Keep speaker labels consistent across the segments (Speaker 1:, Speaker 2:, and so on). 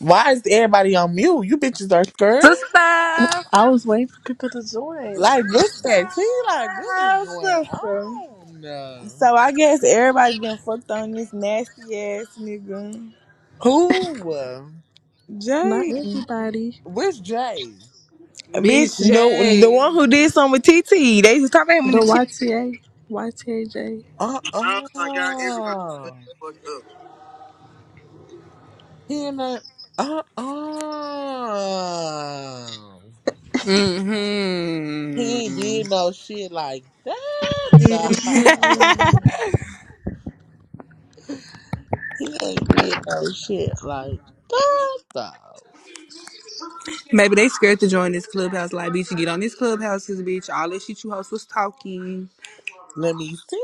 Speaker 1: Why is everybody on mute? You bitches are scared.
Speaker 2: Sister!
Speaker 3: I was waiting for people to join.
Speaker 1: Like, what's that? See, like, what is
Speaker 2: Oh,
Speaker 1: going
Speaker 2: sister.
Speaker 1: on?
Speaker 2: So I guess everybody been fucked on this nasty ass nigga.
Speaker 1: Who? uh,
Speaker 3: Not
Speaker 2: Jay. Bitch,
Speaker 3: everybody.
Speaker 1: Where's Jay?
Speaker 2: Bitch the the one J. who did something with TT. They was talking about him
Speaker 3: The
Speaker 2: in the chat.
Speaker 3: YTA, YTAJ.
Speaker 1: Uh
Speaker 2: Oh my god,
Speaker 1: uh. He in the. Uh uh.
Speaker 2: everybody. hmm
Speaker 1: He ain't did no shit like that, though. He ain't did no shit like that, though.
Speaker 2: Maybe they scared to join this clubhouse. Like, bitch, you get on this clubhouse, 'cause, bitch. All that shit you host was talking.
Speaker 1: Let me see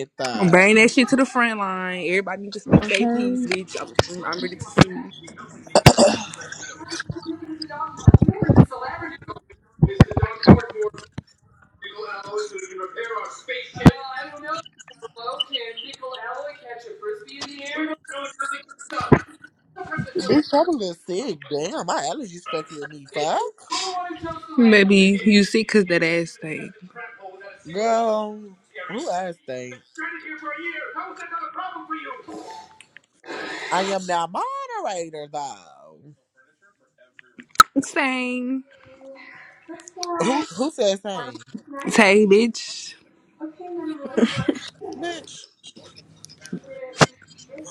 Speaker 1: it, though.
Speaker 2: Bring that shit to the front line. Everybody need to speak their piece,
Speaker 3: Okay.
Speaker 2: bitch. I'm, I'm ready to see.
Speaker 1: Bitch, I'm a sick. Damn, my allergies fucking with me. Fuck.
Speaker 2: Maybe you sick 'cause that ass thing.
Speaker 1: Girl, who else think? I am now moderator, though.
Speaker 2: Same.
Speaker 1: Who who said same?
Speaker 2: Say, bitch.
Speaker 1: Bitch,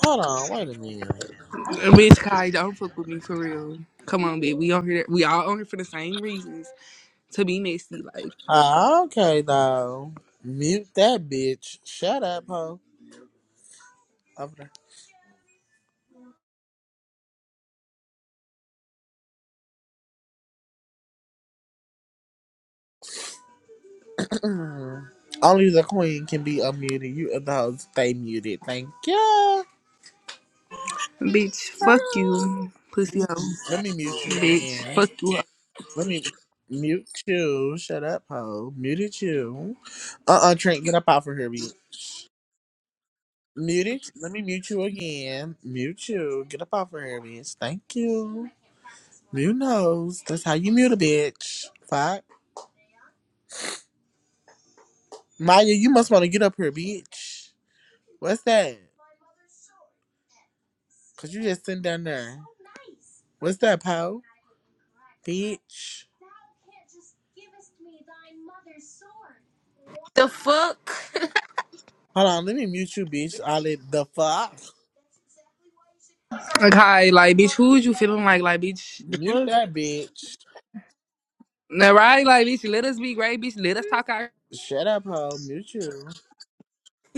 Speaker 1: hold on. Wait a minute.
Speaker 2: Bitch, Kai, don't fuck with me for real. Come on, bitch. We on here. We all on here for the same reasons. To be messy, like,
Speaker 1: Ah, okay, though. Mute that bitch. Shut up, hoe. Over there. Only the queen can be unmuted. You other hoes stay muted. Thank you.
Speaker 2: bitch, fuck you, pussy hoe,
Speaker 1: Let me mute you
Speaker 2: bitch,
Speaker 1: again.
Speaker 2: fuck you. hoe.
Speaker 1: Let me mute you. Shut up, ho. Muted you. Uh uh Trent, get up off of here, bitch. Muted. Let me mute you again. Mute you. Get up off of here, bitch. Thank you. Mute knows. That's how you mute a bitch. Fuck. Maya, you must want to get up here, bitch. What's that? Cause you just sitting down there. What's that, pal? Bitch.
Speaker 4: The fuck?
Speaker 1: Hold on, let me mute you, bitch. Ollie, the fuck?
Speaker 2: Like, Kai, like, bitch, who is you feeling like, like, bitch?
Speaker 1: Mute that bitch.
Speaker 2: Now, right, like, bitch, let us be great, bitch. Let us talk our
Speaker 1: Shut up, ho. Mute you.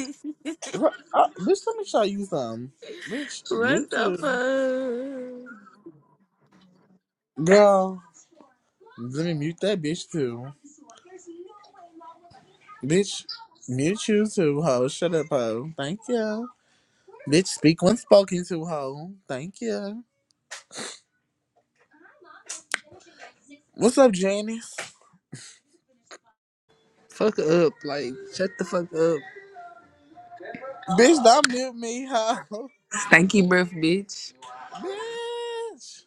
Speaker 1: Girl, uh, bitch, let me show you something. Bitch,
Speaker 4: what
Speaker 1: mute too.
Speaker 4: the fuck?
Speaker 1: Girl, let me mute that bitch too. Bitch, mute you too, ho. Shut up, ho. Thank you. Bitch, speak when spoken to, ho. Thank you. What's up, Janice?
Speaker 2: fuck up, like, shut the fuck up.
Speaker 1: Bitch, don't mute me, ho.
Speaker 2: Stanky breath, bitch.
Speaker 1: Bitch,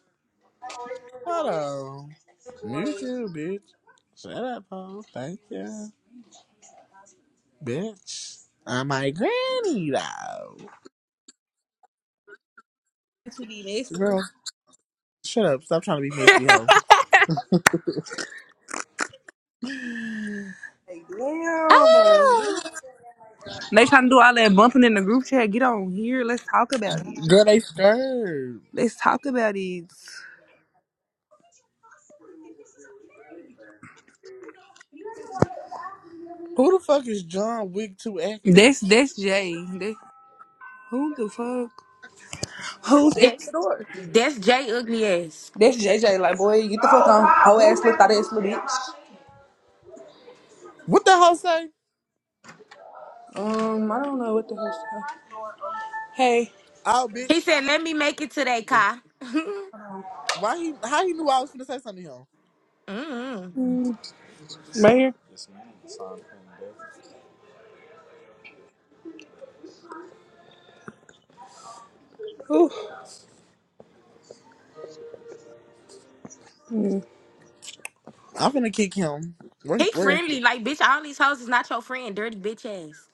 Speaker 1: hold on. Mute you, bitch. Shut up, ho. Thank you. Bitch, I'm my granny, though.
Speaker 2: That's what it is.
Speaker 1: girl. Shut up. Stop trying to be messy, hoe.
Speaker 2: Like, damn. uh,
Speaker 1: Ah!
Speaker 2: They trying to do all that bumping in the group chat. Get on here. Let's talk about it.
Speaker 1: Girl, they scared.
Speaker 2: Let's talk about it.
Speaker 1: Who the fuck is John Wick 2 active?
Speaker 2: That's that's Jay. That, who the fuck? Who's at the
Speaker 4: That's
Speaker 2: door?
Speaker 4: that's Jay ugly ass.
Speaker 2: That's JJ. Like, boy, get the fuck on. Whole ass little thought ass little bitch.
Speaker 1: What the hell say?
Speaker 2: Um, I don't know what the hell. Hey,
Speaker 1: Oh,
Speaker 4: He
Speaker 1: bitch.
Speaker 4: said, "Let me make it today, Kai."
Speaker 1: Why he? How he knew I was gonna say something to him?
Speaker 4: mm
Speaker 2: Right here. ooh,
Speaker 1: I'm gonna kick him. Where? he-
Speaker 4: He
Speaker 1: Where is it?
Speaker 4: friendly, like bitch. All these hoes is not your friend, dirty bitch ass.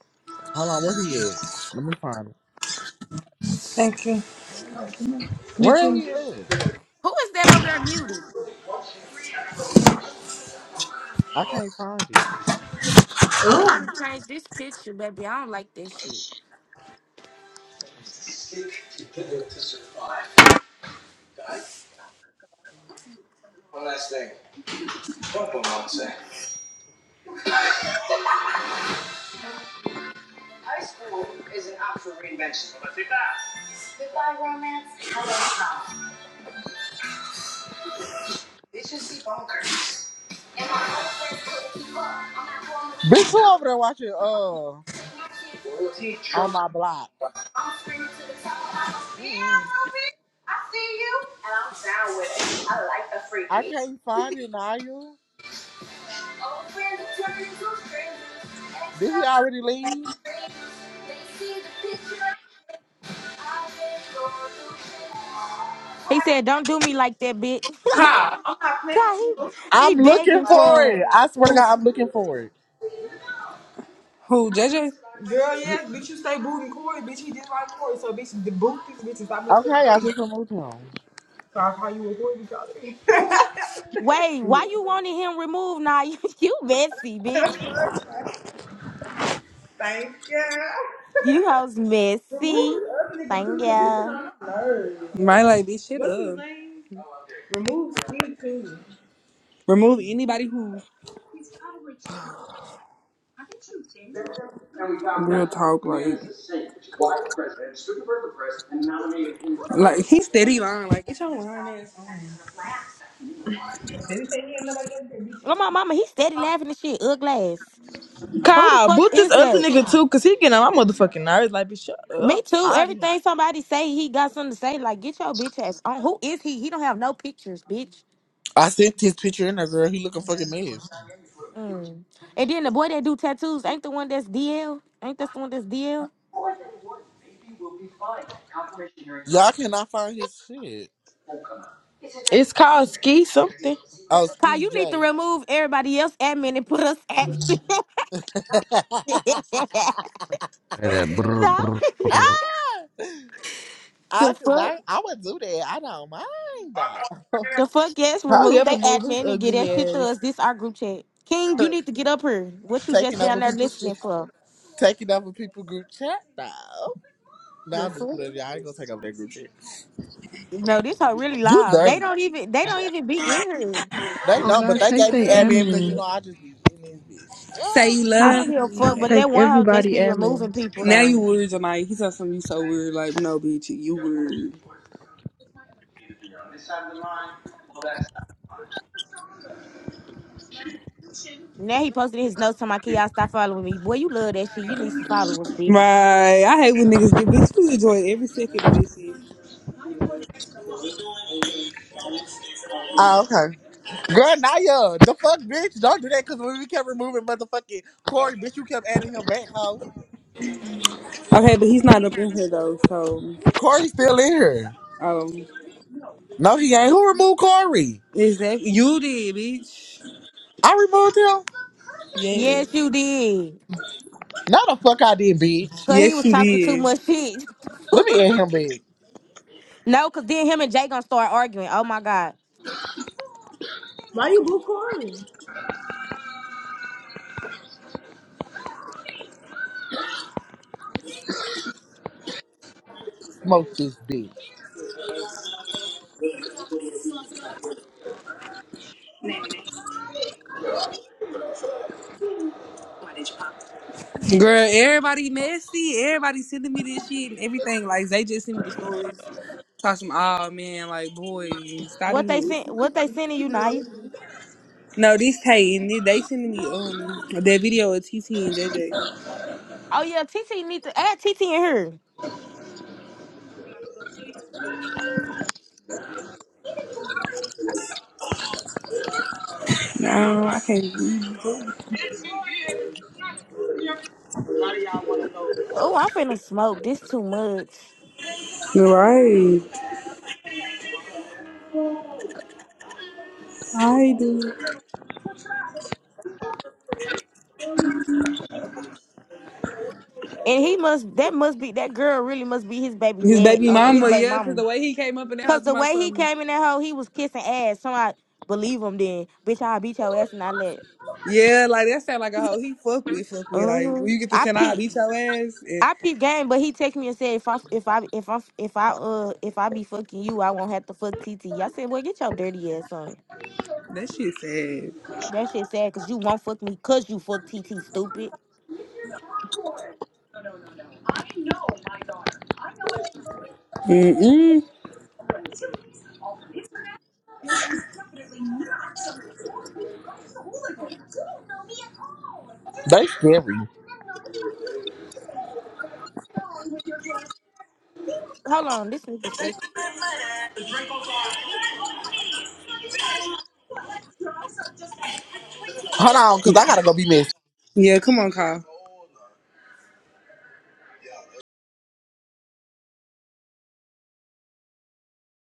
Speaker 1: Hold on. Where he at? Let me find it.
Speaker 2: thank you.
Speaker 1: Where
Speaker 2: You
Speaker 1: he at?
Speaker 4: Who is that over there muted?
Speaker 1: I can't find it.
Speaker 4: I'm trying to change this picture, baby. I don't like that shit.
Speaker 1: Bitch, who over there watching? Uh,
Speaker 2: too.
Speaker 1: on my block.
Speaker 2: I'm screaming to the top of my spirit, Ruby. I see you, and I'm down with it. I like the
Speaker 1: I
Speaker 2: freaky.
Speaker 1: can't find it, Naya.
Speaker 2: Old friends are turning to strangers.
Speaker 1: Did he
Speaker 2: Ex-lovers
Speaker 1: already leave?
Speaker 2: strangers. They see the picture I have been going through shit. What
Speaker 4: He
Speaker 2: happened?
Speaker 4: said, "Don't do me like that, bitch."
Speaker 2: I'm not playing with you,
Speaker 4: God,
Speaker 2: boo.
Speaker 4: he, he
Speaker 1: I'm looking
Speaker 4: begging
Speaker 1: for
Speaker 4: for
Speaker 1: it.
Speaker 4: it.
Speaker 1: I swear to God, I'm looking for it.
Speaker 2: Who, JJ? Girl, yes, bitch, you stay booting Corey, bitch. He just like Corey, so bitch, the boot this bitch is not much
Speaker 1: Okay,
Speaker 2: fucking
Speaker 1: I
Speaker 2: thing.
Speaker 1: just removed him.
Speaker 2: So I call you a Corey because
Speaker 4: Wait, why you wanted him removed? Now you, you messy, bitch.
Speaker 2: Thank you.
Speaker 4: You hoes messy. Thank you.
Speaker 2: My like, bitch, shut What's his up. name? Remove anybody who. Real talk, like, like he steady lying. Like, get your lying ass
Speaker 4: Oh my mama, he steady laughing and shit. Ugly ass.
Speaker 2: on.
Speaker 4: Who the
Speaker 2: Kyle,
Speaker 4: fuck
Speaker 2: boot this
Speaker 4: is
Speaker 2: other
Speaker 4: that?
Speaker 2: nigga too, cause he getting on my motherfucking nerves. Like, bitch, shut
Speaker 4: Me
Speaker 2: up. I'm
Speaker 4: too.
Speaker 2: tired.
Speaker 4: Everything somebody say, he got something to say. Like, get your bitch ass on. Who is he? He don't have no pictures, bitch.
Speaker 1: I sent his picture in there, girl. He looking fucking mad.
Speaker 4: Mm. And then the boy that do tattoos ain't the one that's DL. Ain't that's the one that's DL?
Speaker 1: Y'all cannot find his shit.
Speaker 2: It's called ski something.
Speaker 1: Oh,
Speaker 4: Kyle,
Speaker 1: Ski
Speaker 4: you need to
Speaker 1: J.
Speaker 4: remove everybody else admin and put us admin.
Speaker 5: Like that. Brr,
Speaker 4: no.
Speaker 5: brr,
Speaker 1: ah!
Speaker 5: brr.
Speaker 1: I,
Speaker 4: the
Speaker 1: cause
Speaker 4: fuck?
Speaker 1: I, I would do that. I don't mind though.
Speaker 4: The fuck yes,
Speaker 2: He
Speaker 4: remove
Speaker 2: ever
Speaker 4: they
Speaker 2: move his
Speaker 4: admin and get
Speaker 2: ugly
Speaker 4: that shit to
Speaker 2: ass.
Speaker 4: us. This our group chat. King, you need to get up here. What you just
Speaker 1: taking
Speaker 4: down
Speaker 1: over
Speaker 4: there
Speaker 1: people's shit,
Speaker 4: listening for?
Speaker 1: taking over people group chat though. No,
Speaker 4: The
Speaker 1: I'm just
Speaker 4: fuck?
Speaker 1: playing. I ain't gonna take over their group chat.
Speaker 4: No, this hoe really
Speaker 1: You
Speaker 4: live. They
Speaker 1: dirty.
Speaker 4: don't even they don't even be in here.
Speaker 1: They
Speaker 3: Oh
Speaker 1: don't, but
Speaker 3: God,
Speaker 1: they
Speaker 3: take
Speaker 1: gave
Speaker 3: they
Speaker 1: me admin because you know
Speaker 3: admin.
Speaker 1: I just be in this bitch.
Speaker 2: Say
Speaker 1: Yeah.
Speaker 2: you
Speaker 4: I
Speaker 3: Take
Speaker 4: don't
Speaker 2: love
Speaker 4: give a fuck, but
Speaker 2: me.
Speaker 3: take
Speaker 4: that one hoe just
Speaker 3: everybody
Speaker 4: be
Speaker 3: admin.
Speaker 4: removing people
Speaker 2: Now you
Speaker 4: though.
Speaker 2: weird tonight. He said something you so weird. Like, no, bitch, you weird.
Speaker 4: Now he posted his notes to my kid, y'all stop following me. Boy, you love that shit. You need some followers, bitch.
Speaker 2: Right. I hate when niggas do. Bitch, you enjoy every second of this shit.
Speaker 1: Oh, okay. Girl, Naya, the fuck, bitch, don't do that because when we kept removing motherfucking Corey, bitch, you kept adding him back, hoe.
Speaker 2: Okay, but he's not up in here though, so.
Speaker 1: Corey's still in here.
Speaker 2: um.
Speaker 1: No, he ain't. Who removed Corey?
Speaker 2: Exactly. You did, bitch.
Speaker 1: I removed him.
Speaker 2: Yeah.
Speaker 4: Yes, you did.
Speaker 1: No, the fuck I didn't, bitch.
Speaker 4: Cause he
Speaker 2: Yes,
Speaker 4: was
Speaker 2: you
Speaker 4: talking too much
Speaker 2: did.
Speaker 4: shit.
Speaker 1: Let me add him back.
Speaker 4: no, cause then him and Jay gonna start arguing. Oh my god.
Speaker 1: Smoke this bitch.
Speaker 2: Girl, everybody messy. Everybody sending me this shit and everything. Like, they just send me the stories. Talk some, oh man, like, boy, stop
Speaker 4: What they
Speaker 2: it.
Speaker 4: sent what they sending you, Naya?
Speaker 2: No, this Tay, and they they sending me um that video of TT and JJ.
Speaker 4: Oh yeah, TT need to add TT in here.
Speaker 2: No, I can't.
Speaker 4: Oh, I'm finna smoke. This too much.
Speaker 2: Right. I do.
Speaker 4: And he must that must be that girl really must be his baby
Speaker 2: His
Speaker 4: dad,
Speaker 2: baby
Speaker 4: uh, his
Speaker 2: mama,
Speaker 4: baby
Speaker 2: yeah, because
Speaker 4: mama.
Speaker 2: the way he came up in the
Speaker 4: Cause
Speaker 2: house to
Speaker 4: the
Speaker 2: my
Speaker 4: way he
Speaker 2: son.
Speaker 4: came in that hole, he was kissing ass. So I believe him then. Bitch, I'll beat your ass and I let.
Speaker 2: Yeah, like that sound like a hoe he fuck with, fuck with. Like, when
Speaker 4: Mm-hmm.
Speaker 2: you get to
Speaker 4: I
Speaker 2: send out,
Speaker 4: peep
Speaker 2: beat your ass. eh,
Speaker 4: I peep game, but he texted me and said if I if I if I if I uh if I be fucking you, I won't have to fuck TT. I said, well, get your dirty ass on.
Speaker 2: That shit sad.
Speaker 4: That shit sad, cause you won't fuck me, cause you fuck TT, stupid.
Speaker 2: Mm-mm.
Speaker 1: They scary.
Speaker 4: Hold on, this nigga steady
Speaker 1: Hold on, because I gotta go be messy.
Speaker 2: Yeah, come on, Kyle.